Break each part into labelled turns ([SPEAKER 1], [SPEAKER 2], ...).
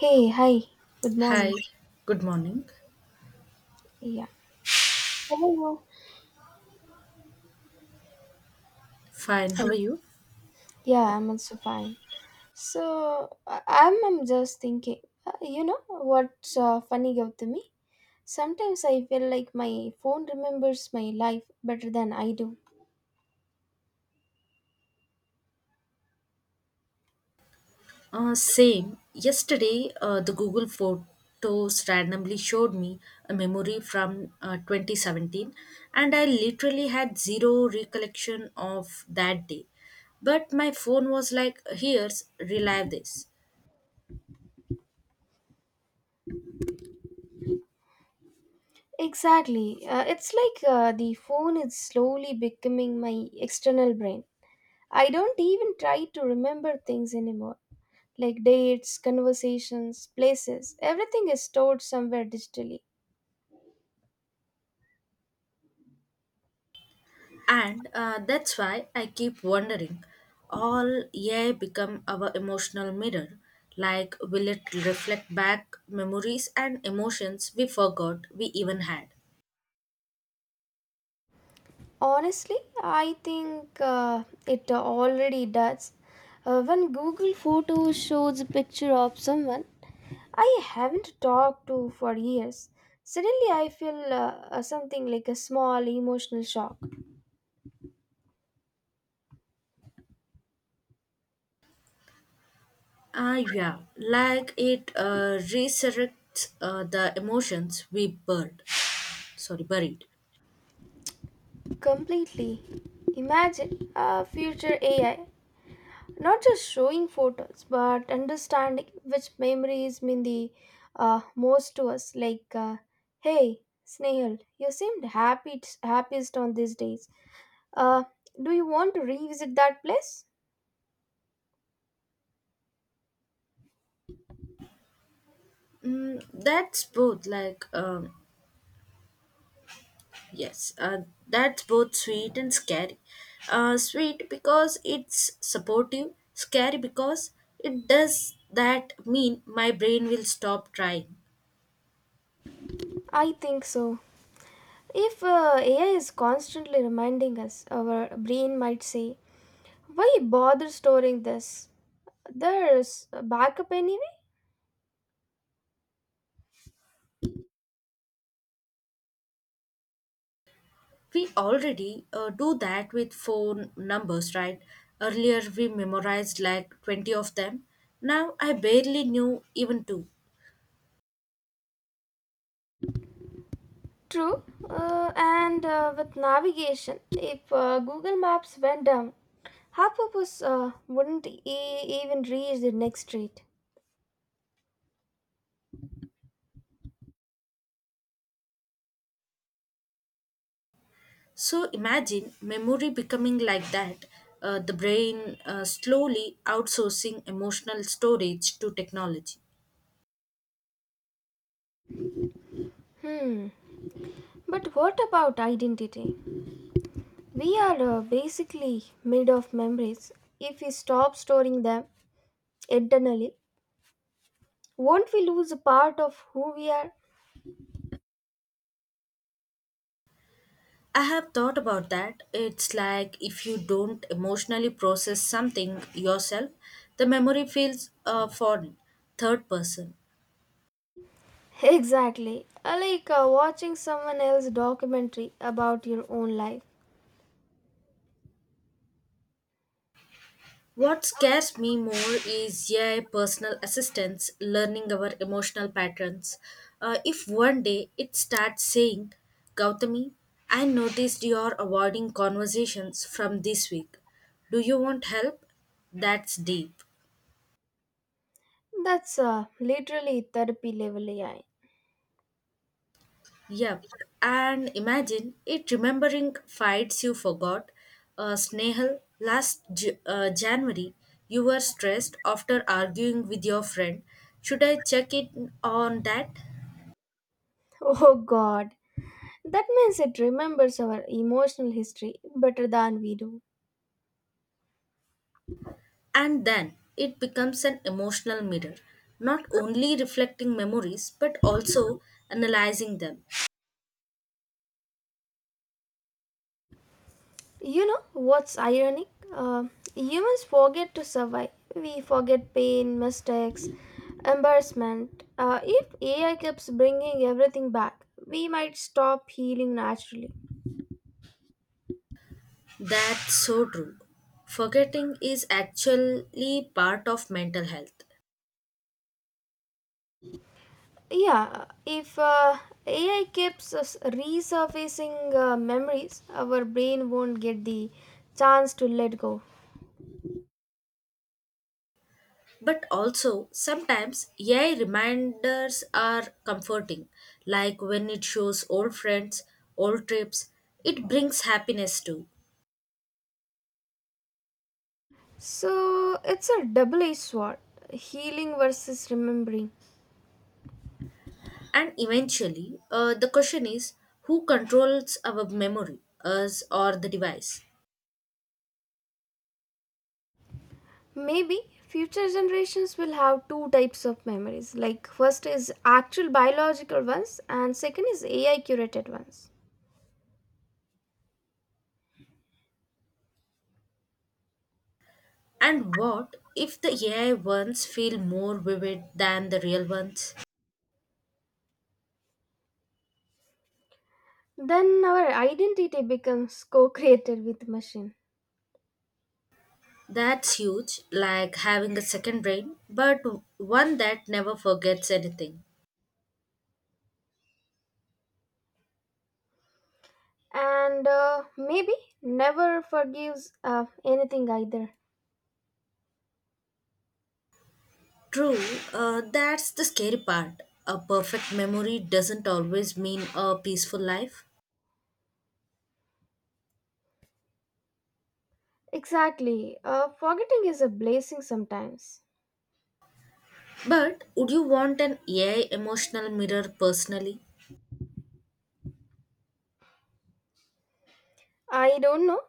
[SPEAKER 1] Hey, hi. Good morning.
[SPEAKER 2] Hi, good morning.
[SPEAKER 1] Yeah. How are you?
[SPEAKER 2] Fine, how are you?
[SPEAKER 1] Yeah, I'm also fine. So, I'm just thinking, what's funny about me? Sometimes I feel like my phone remembers my life better than I do.
[SPEAKER 2] Same. Yesterday, the Google Photos randomly showed me a memory from 2017, and I literally had zero recollection of that day. But my phone was like, here's, relive this.
[SPEAKER 1] Exactly. It's like the phone is slowly becoming my external brain. I don't even try to remember things anymore, like dates, conversations, places. Everything is stored somewhere digitally.
[SPEAKER 2] And that's why I keep wondering all AI become our emotional mirror. Like, will it reflect back memories and emotions we forgot we even had?
[SPEAKER 1] Honestly, I think it already does. When Google Photos shows a picture of someone I haven't talked to for years, suddenly I feel something like a small emotional shock.
[SPEAKER 2] Ah, yeah, like it resurrects the emotions we buried. Sorry, buried.
[SPEAKER 1] Completely. Imagine a future AI not just showing photos but understanding which memories mean the most to us, like, hey, Snehal, you seemed happy happiest on these days. Uh, do you want to revisit that place?
[SPEAKER 2] Mm, that's both like, yes, that's both sweet and scary. Sweet because it's supportive, scary because it does that mean my brain will stop trying.
[SPEAKER 1] I think so. If AI is constantly reminding us, our brain might say, "Why bother storing this? There's a backup anyway."
[SPEAKER 2] We already do that with phone numbers, right? Earlier we memorized like 20 of them. Now I barely knew even two.
[SPEAKER 1] True. And with navigation, if Google Maps went down, half of us wouldn't even reach the next street.
[SPEAKER 2] So imagine memory becoming like that, the brain slowly outsourcing emotional storage to technology.
[SPEAKER 1] Hmm. But what about identity? We are basically made of memories. If we stop storing them, internally won't we lose a part of who we are?
[SPEAKER 2] I have thought about that. It's like if you don't emotionally process something yourself, the memory feels foreign, third person.
[SPEAKER 1] Exactly. Like watching someone else's documentary about your own life.
[SPEAKER 2] What scares me more is AI personal assistants learning our emotional patterns. If one day it starts saying, Gautami, I noticed you're avoiding conversations from this week. Do you want help? That's deep.
[SPEAKER 1] That's literally therapy level AI.
[SPEAKER 2] Yep, and imagine it remembering fights you forgot. Snehal, last January, you were stressed after arguing with your friend. Should I check it on that?
[SPEAKER 1] Oh god, that means it remembers our emotional history better than we do.
[SPEAKER 2] And then it becomes an emotional mirror, not only reflecting memories but also analyzing them.
[SPEAKER 1] You know what's ironic? Uh, Humans forget to survive. We forget pain, mistakes, embarrassment. If AI keeps bringing everything back, we might stop healing naturally.
[SPEAKER 2] That's so true. Forgetting is actually part of mental health.
[SPEAKER 1] Yeah, if AI keeps us resurfacing memories, our brain won't get the chance to let go.
[SPEAKER 2] But also, sometimes AI reminders are comforting, like when it shows old friends, old trips, it brings happiness too.
[SPEAKER 1] So it's a double edged sword, healing versus remembering.
[SPEAKER 2] And eventually, the question is who controls our memory, us or the device?
[SPEAKER 1] Maybe future generations will have two types of memories. Like, first is actual biological ones, and second is AI curated ones.
[SPEAKER 2] And what if the AI ones feel more vivid than the real ones?
[SPEAKER 1] Then our identity becomes co created with machine.
[SPEAKER 2] That's huge, like having a second brain, but one that never forgets anything.
[SPEAKER 1] And maybe never forgives anything either.
[SPEAKER 2] True, that's the scary part. A perfect memory doesn't always mean a peaceful life.
[SPEAKER 1] Exactly. Forgetting is a blessing sometimes.
[SPEAKER 2] But would you want an AI emotional mirror personally?
[SPEAKER 1] I don't know.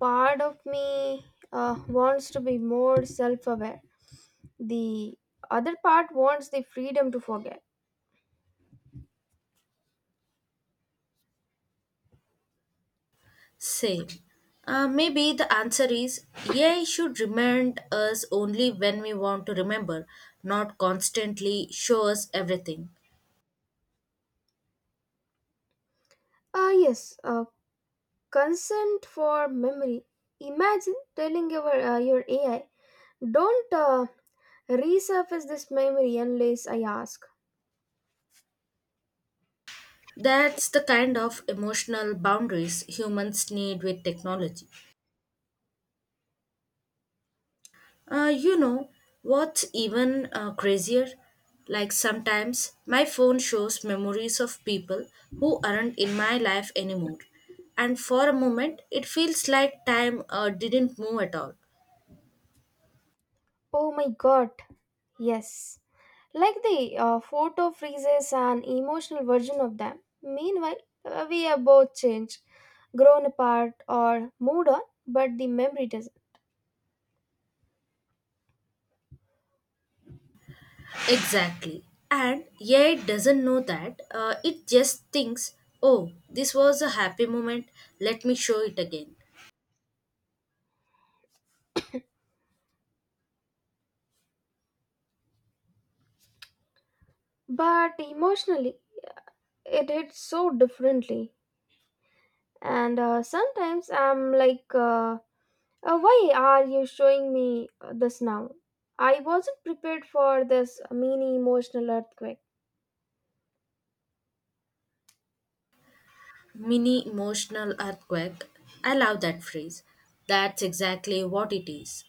[SPEAKER 1] Part of me wants to be more self aware, the other part wants the freedom to forget.
[SPEAKER 2] Same. Maybe the answer is AI should remind us only when we want to remember, not constantly show us everything.
[SPEAKER 1] Ah, yes, consent for memory. Imagine telling your AI, "Don't resurface this memory unless I ask."
[SPEAKER 2] That's the kind of emotional boundaries humans need with technology. Uh, you know, what's even crazier? Like sometimes my phone shows memories of people who aren't in my life anymore. And for a moment, it feels like time didn't move at all.
[SPEAKER 1] Oh my god, yes. Like the photo freezes an emotional version of them. Meanwhile, we are both changed, grown apart, or moved on, but the memory doesn't.
[SPEAKER 2] Exactly. And yeah, it doesn't know that. It just thinks, oh, this was a happy moment. Let me show it again.
[SPEAKER 1] But emotionally, it hits so differently. And sometimes I'm like, why are you showing me this now? I wasn't prepared for this mini emotional earthquake.
[SPEAKER 2] Mini emotional earthquake. I love that phrase. That's exactly what it is.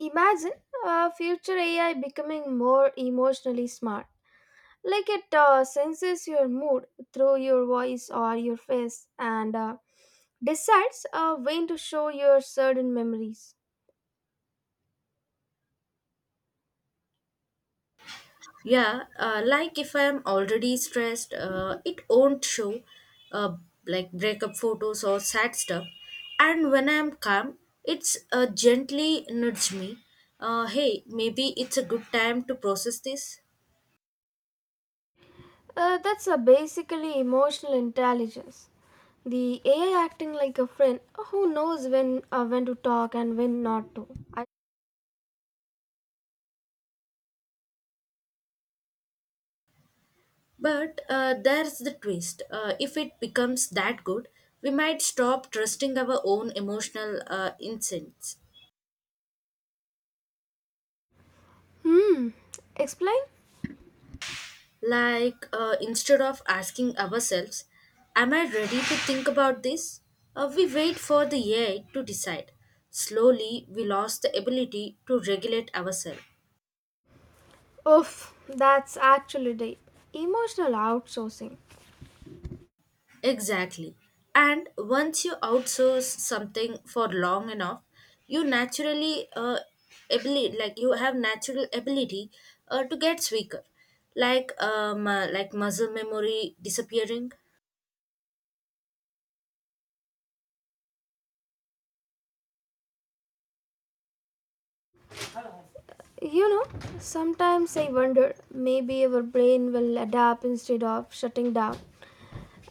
[SPEAKER 1] Imagine a future AI becoming more emotionally smart. Like it senses your mood through your voice or your face and decides when to show your certain memories.
[SPEAKER 2] Yeah, like if I'm already stressed, it won't show, uh, like breakup photos or sad stuff. And when I'm calm, it's gently nudge me. Hey, maybe it's a good time to process this.
[SPEAKER 1] That's a basically emotional intelligence. The AI acting like a friend who knows when to talk and when not to.
[SPEAKER 2] But there's the twist. If it becomes that good, we might stop trusting our own emotional instincts.
[SPEAKER 1] Hmm. Explain?
[SPEAKER 2] Like, instead of asking ourselves, am I ready to think about this? We wait for the AI to decide. Slowly, we lost the ability to regulate ourselves.
[SPEAKER 1] Oof, that's actually deep. Emotional outsourcing.
[SPEAKER 2] Exactly. And once you outsource something for long enough, you naturally ability like you have natural ability to get weaker, like muscle memory disappearing.
[SPEAKER 1] You know, sometimes I wonder maybe our brain will adapt instead of shutting down.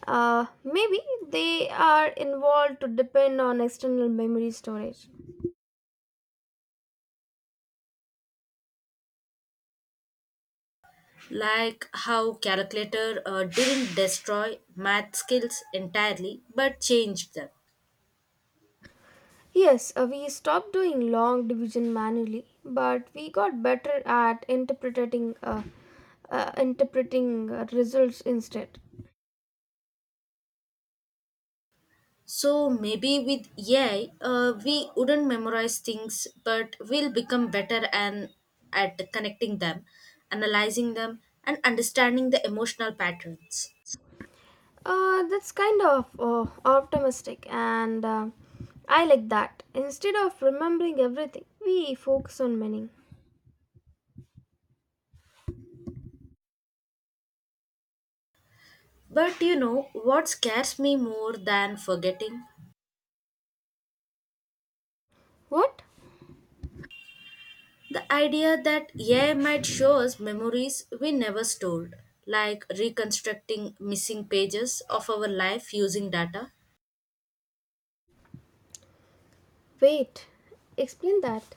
[SPEAKER 1] Maybe they are involved to depend on external memory storage.
[SPEAKER 2] Like how calculator didn't destroy math skills entirely but changed them.
[SPEAKER 1] Yes, we stopped doing long division manually, but we got better at interpreting results instead.
[SPEAKER 2] So maybe with AI, we wouldn't memorize things but we'll become better and at connecting them, analyzing them, and understanding the emotional patterns.
[SPEAKER 1] That's kind of optimistic, and I like that. Instead of remembering everything, we focus on meaning.
[SPEAKER 2] But you know what scares me more than forgetting?
[SPEAKER 1] What?
[SPEAKER 2] The idea that AI might show us memories we never stored, like reconstructing missing pages of our life using data.
[SPEAKER 1] Wait, explain that.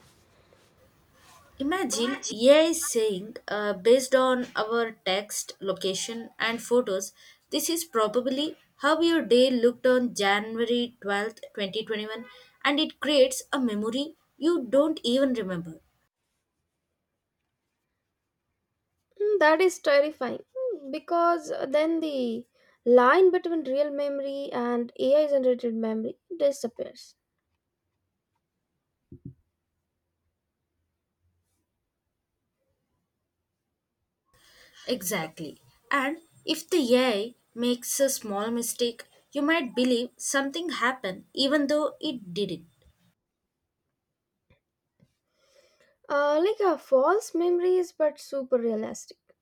[SPEAKER 2] Imagine AI saying, based on our text, location, and photos, this is probably how your day looked on January 12th, 2021, and it creates a memory you don't even remember.
[SPEAKER 1] Mm, that is terrifying. Mm, because then the line between real memory and AI generated memory disappears.
[SPEAKER 2] Exactly. And if the AI makes a small mistake, you might believe something happened even though it didn't.
[SPEAKER 1] Like a false memories, but super realistic.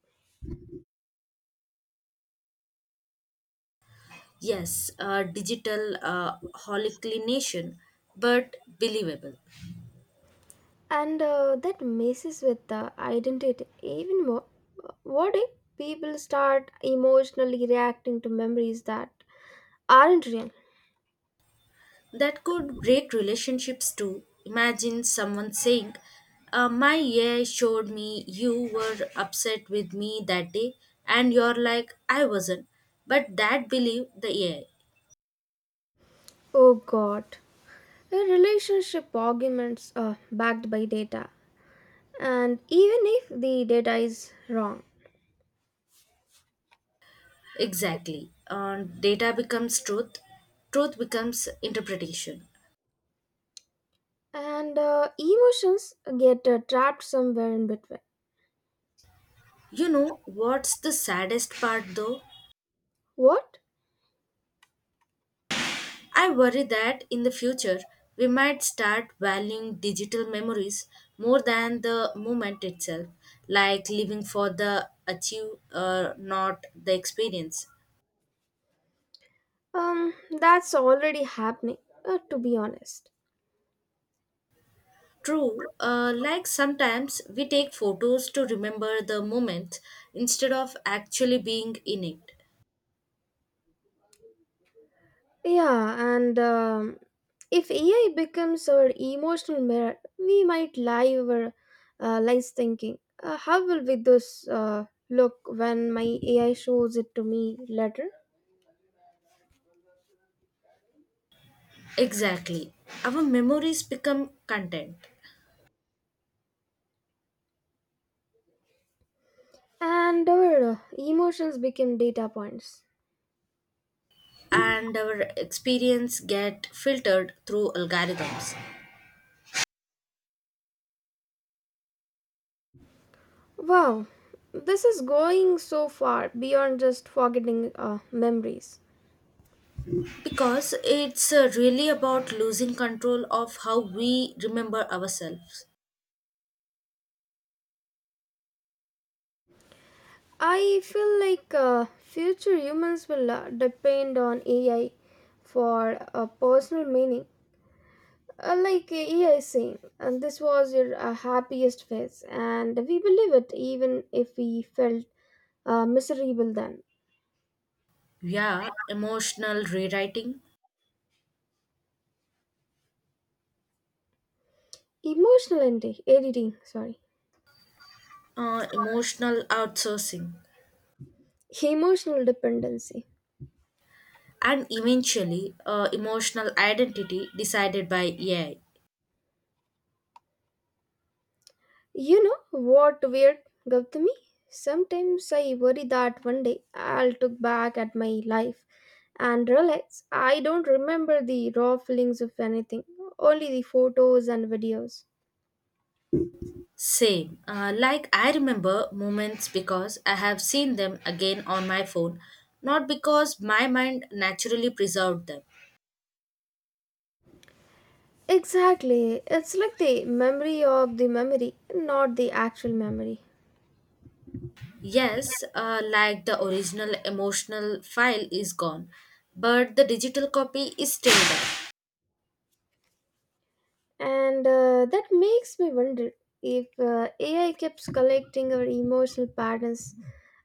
[SPEAKER 2] Yes, digital hallucination, but believable.
[SPEAKER 1] And that messes with the identity even more. What if people start emotionally reacting to memories that aren't real?
[SPEAKER 2] That could break relationships too. Imagine someone saying, my AI showed me you were upset with me that day, and you're like, I wasn't. But that believed the AI.
[SPEAKER 1] Oh god. A relationship arguments are backed by data, and even if the data is wrong.
[SPEAKER 2] Exactly. Data becomes truth, truth becomes interpretation.
[SPEAKER 1] And emotions get trapped somewhere in between.
[SPEAKER 2] You know what's the saddest part though?
[SPEAKER 1] What?
[SPEAKER 2] I worry that in the future we might start valuing digital memories more than the moment itself, like living for the achieve, not the experience.
[SPEAKER 1] Um, that's already happening, to be honest.
[SPEAKER 2] True, like sometimes we take photos to remember the moment instead of actually being in it.
[SPEAKER 1] Yeah, and if AI becomes our emotional mirror, we might lies thinking, how will we this look when my AI shows it to me later?
[SPEAKER 2] Exactly. Our memories become content,
[SPEAKER 1] And our emotions become data points.
[SPEAKER 2] and our experience get filtered through algorithms
[SPEAKER 1] Wow, this is going so far beyond just forgetting memories.
[SPEAKER 2] because it's really about losing control of how we remember ourselves.
[SPEAKER 1] I feel like future humans will depend on AI for a personal meaning. Like EI is saying, and this was your happiest phase, and we believe it even if we felt miserable then.
[SPEAKER 2] Yeah, emotional rewriting,
[SPEAKER 1] Editing, sorry,
[SPEAKER 2] emotional outsourcing,
[SPEAKER 1] emotional dependency.
[SPEAKER 2] and eventually emotional identity decided by AI.
[SPEAKER 1] You know what weird, Gautami? Sometimes I worry that one day I'll look back at my life and realize I don't remember the raw feelings of anything, only the photos and videos.
[SPEAKER 2] Same. Like I remember moments because I have seen them again on my phone, not because my mind naturally preserved them.
[SPEAKER 1] Exactly. It's like the memory of the memory, not the actual memory.
[SPEAKER 2] Yes, like the original emotional file is gone, but the digital copy is still there.
[SPEAKER 1] And that makes me wonder if AI keeps collecting our emotional patterns,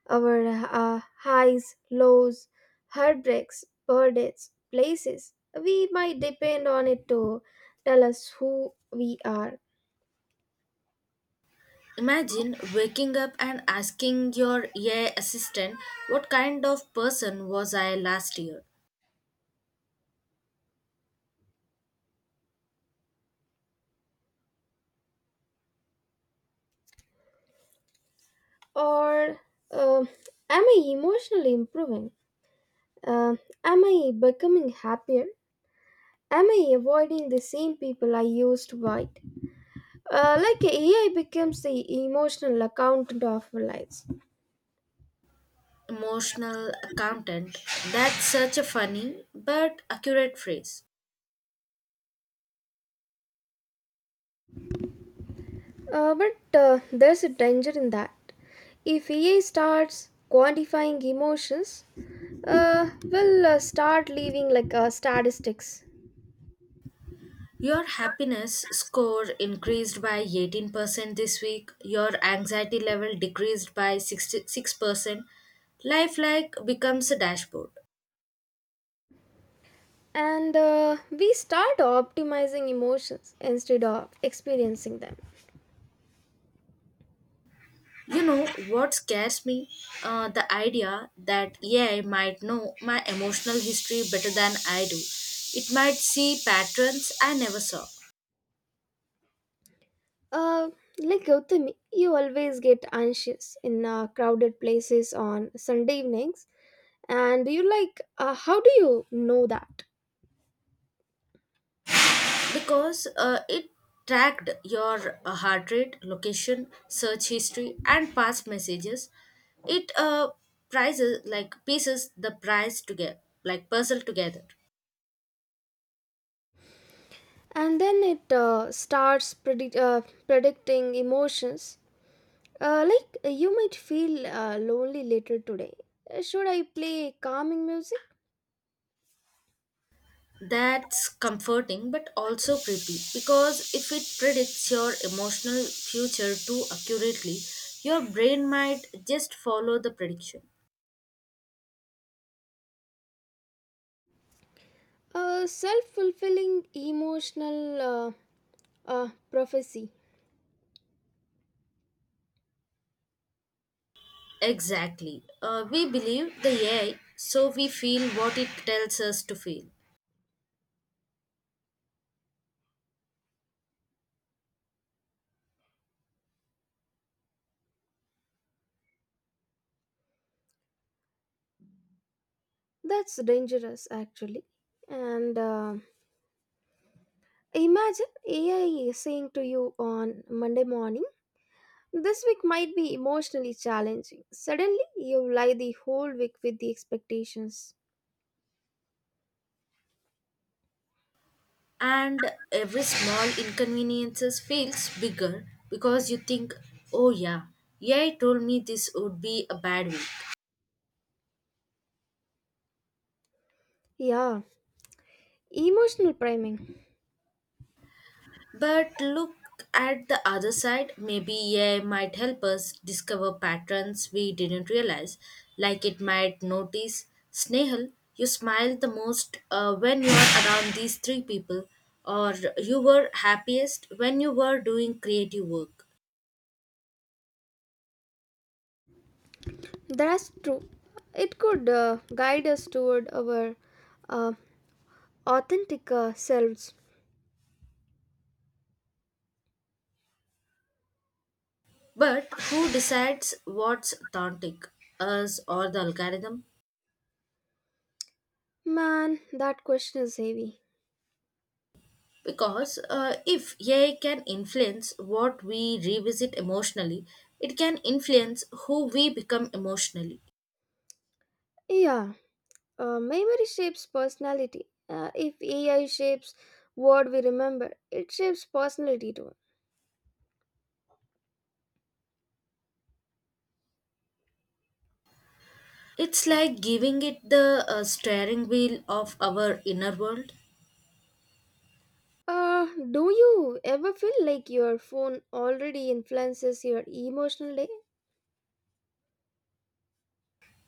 [SPEAKER 1] our highs, lows, heartbreaks, birthdays, places, we might depend on it to tell us who we are.
[SPEAKER 2] Imagine waking up and asking your AI assistant what kind of person was I last year.
[SPEAKER 1] Or um, am I emotionally improving? Um, am I becoming happier? Am I avoiding the same people I used to avoid? Like AI becomes the emotional accountant of our lives.
[SPEAKER 2] Emotional accountant. That's such a funny but accurate phrase.
[SPEAKER 1] But there's a danger in that. If AI starts quantifying emotions, we'll start leaving like statistics.
[SPEAKER 2] Your happiness score increased by 18% this week. Your anxiety level decreased by 66%. Life like becomes a dashboard.
[SPEAKER 1] And we start optimizing emotions instead of experiencing them.
[SPEAKER 2] You know what scares me? The idea that AI might know my emotional history better than I do. It might see patterns I never saw.
[SPEAKER 1] Uh, like Gautami, you always get anxious in crowded places on Sunday evenings, and you're like how do you know that?
[SPEAKER 2] Because it tracked your heart rate, location, search history, and past messages. It prices like pieces the price together, like puzzle together.
[SPEAKER 1] And then it starts predicting emotions, like you might feel lonely later today. Should I play calming music?
[SPEAKER 2] That's comforting but also creepy because if it predicts your emotional future too accurately, your brain might just follow the prediction.
[SPEAKER 1] A self-fulfilling emotional uh, uh, prophecy.
[SPEAKER 2] Exactly. We believe the AI, so we feel what it tells us to feel.
[SPEAKER 1] That's dangerous actually. And imagine AI saying to you on Monday morning, "This week might be emotionally challenging." Suddenly, you lie the whole week with the expectations.
[SPEAKER 2] And every small inconveniences feels bigger because you think, oh yeah, yeah told me this would be a bad week.
[SPEAKER 1] Yeah, emotional priming.
[SPEAKER 2] But look at the other side, maybe yeah might help us discover patterns we didn't realize. Like it might notice, Snehal, you smile the most when you are around these three people. Or you were happiest when you were doing creative work.
[SPEAKER 1] That's true. It could guide us toward our uh, authentic selves.
[SPEAKER 2] But who decides what's authentic, us or the algorithm?
[SPEAKER 1] Man, that question is heavy.
[SPEAKER 2] Because if AI can influence what we revisit emotionally, it can influence who we become emotionally.
[SPEAKER 1] Yeah, memory shapes personality. If AI shapes what we remember, it shapes personality too.
[SPEAKER 2] It's like giving it the steering wheel of our inner world.
[SPEAKER 1] Do you ever feel like your phone already influences your emotional day?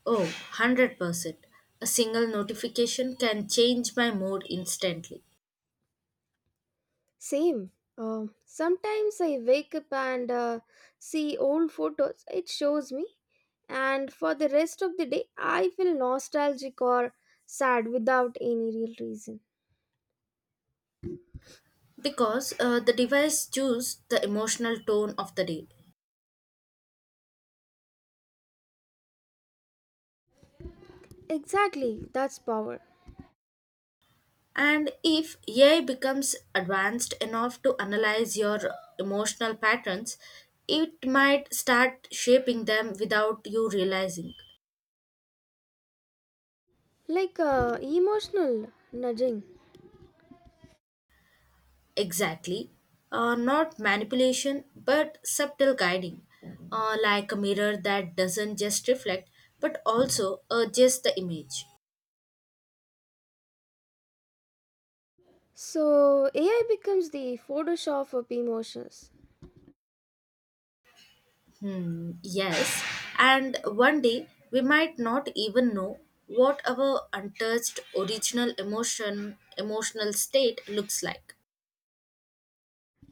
[SPEAKER 2] Oh, 100%. A single notification can change my mood instantly.
[SPEAKER 1] Same. Sometimes I wake up and see old photos it shows me, and for the rest of the day, I feel nostalgic or sad without any real reason.
[SPEAKER 2] Because the device chooses the emotional tone of the day.
[SPEAKER 1] Exactly, that's power.
[SPEAKER 2] And if AI becomes advanced enough to analyze your emotional patterns, it might start shaping them without you realizing.
[SPEAKER 1] Like emotional nudging.
[SPEAKER 2] Exactly. Not manipulation, but subtle guiding, like a mirror that doesn't just reflect, but also adjusts the image.
[SPEAKER 1] So AI becomes the Photoshop of emotions.
[SPEAKER 2] Hmm, yes. And one day we might not even know what our untouched original emotional state looks like.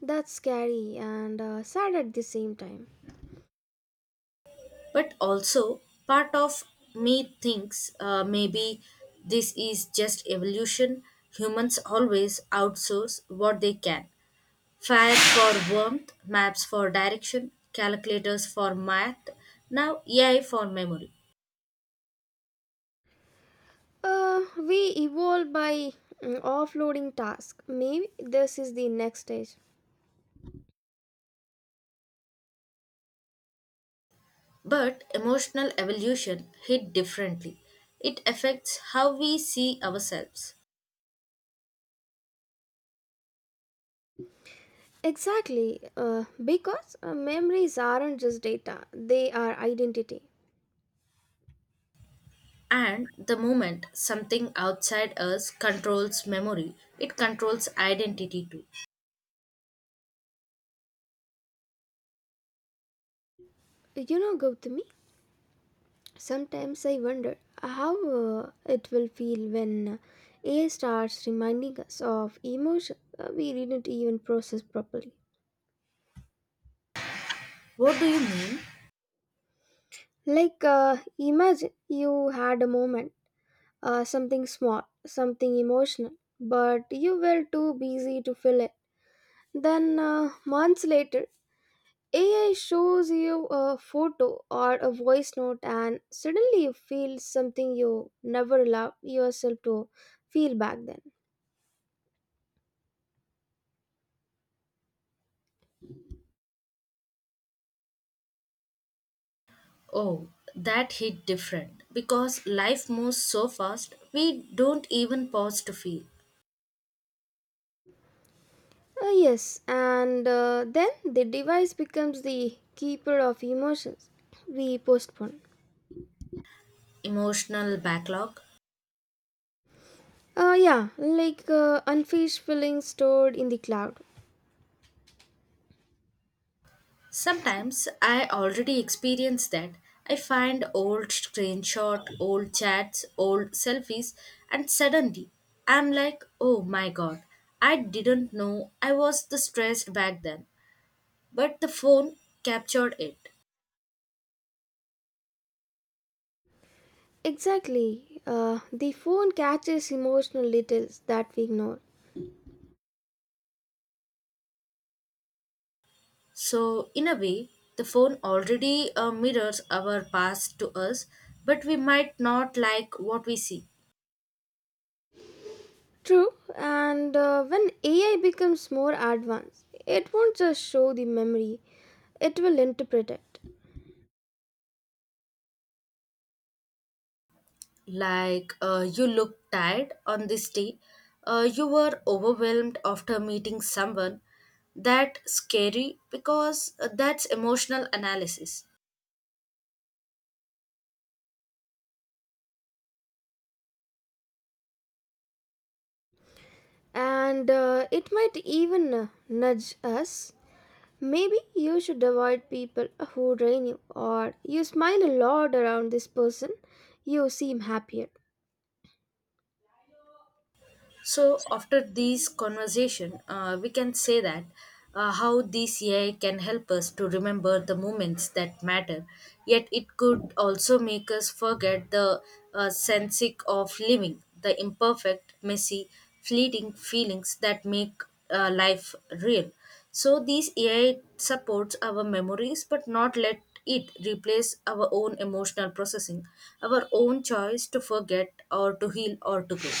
[SPEAKER 1] That's scary and sad at the same time.
[SPEAKER 2] But also part of me thinks, maybe this is just evolution. Humans always outsource what they can. Fire for warmth, maps for direction, calculators for math, now AI for memory.
[SPEAKER 1] We evolve by offloading tasks. Maybe this is the next stage.
[SPEAKER 2] But emotional evolution hit differently. It affects how we see ourselves.
[SPEAKER 1] Exactly, because memories aren't just data, they are identity.
[SPEAKER 2] And the moment something outside us controls memory, it controls identity too.
[SPEAKER 1] You know, Gautami, sometimes I wonder how it will feel when AI starts reminding us of emotions we didn't even process properly.
[SPEAKER 2] What do you mean?
[SPEAKER 1] Like, imagine you had a moment, something small, something emotional, but you were too busy to feel it. Then, months later, AI shows you a photo or a voice note, and suddenly you feel something you never allowed yourself to feel back then.
[SPEAKER 2] Oh, that hit different because life moves so fast, we don't even pause to feel.
[SPEAKER 1] Yes, and then the device becomes the keeper of emotions we postpone.
[SPEAKER 2] Emotional backlog.
[SPEAKER 1] Yeah, like unfinished feelings stored in the cloud.
[SPEAKER 2] Sometimes I already experience that. I find old screenshot, old chats, old selfies, and suddenly I'm like, oh my god, I didn't know I was the stressed back then. But the phone captured it.
[SPEAKER 1] Exactly. The phone catches emotional details that we ignore.
[SPEAKER 2] So, in a way, the phone already mirrors our past to us, but we might not like what we see.
[SPEAKER 1] True, and when AI becomes more advanced, it won't just show the memory, it will interpret it.
[SPEAKER 2] Like, you look tired on this day, you were overwhelmed after meeting someone. That's scary because that's emotional analysis.
[SPEAKER 1] And it might even nudge us. Maybe you should avoid people who drain you, or you smile a lot around this person, you seem happier.
[SPEAKER 2] So after this conversation, we can say that how this AI can help us to remember the moments that matter, yet it could also make us forget the sense of living, the imperfect, messy, fleeting feelings that make life real. So these AI supports our memories, but not let it replace our own emotional processing, our own choice to forget or to heal or to grow.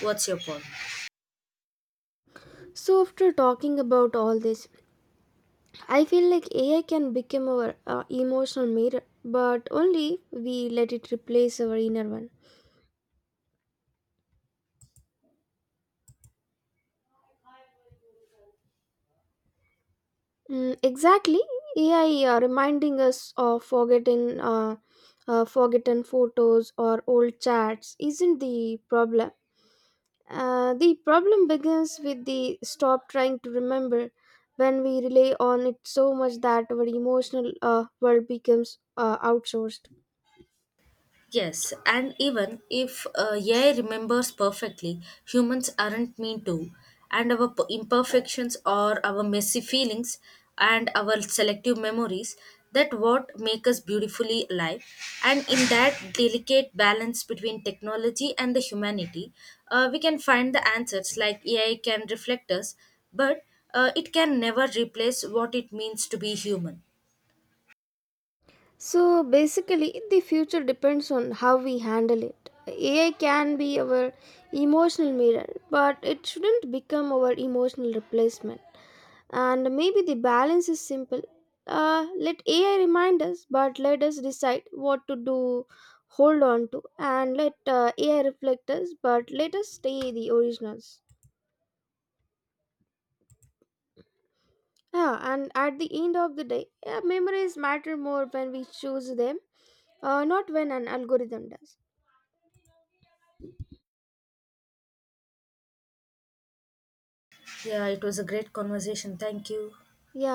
[SPEAKER 2] What's your point?
[SPEAKER 1] So, after talking about all this, I feel like AI can become our emotional mirror, but only if we let it replace our inner one. Mm, exactly. AI reminding us of forgotten photos or old chats isn't the problem. The problem begins with the stop trying to remember when we rely on it so much that our emotional world becomes outsourced.
[SPEAKER 2] Yes, and even if AI remembers perfectly, humans aren't mean to, and our imperfections or our messy feelings and our selective memories, that what make us beautifully alive. And in that delicate balance between technology and the humanity, we can find the answers. Like AI can reflect us, but it can never replace what it means to be human.
[SPEAKER 1] So basically, the future depends on how we handle it. AI can be our emotional mirror, but it shouldn't become our emotional replacement. And maybe the balance is simple. Let AI remind us, but let us decide what to do, hold on to, and let AI reflect us, but let us stay the originals. Yeah, and at the end of the day, yeah, memories matter more when we choose them, not when an algorithm does.
[SPEAKER 2] Yeah, it was a great conversation. Thank you.
[SPEAKER 1] Yeah.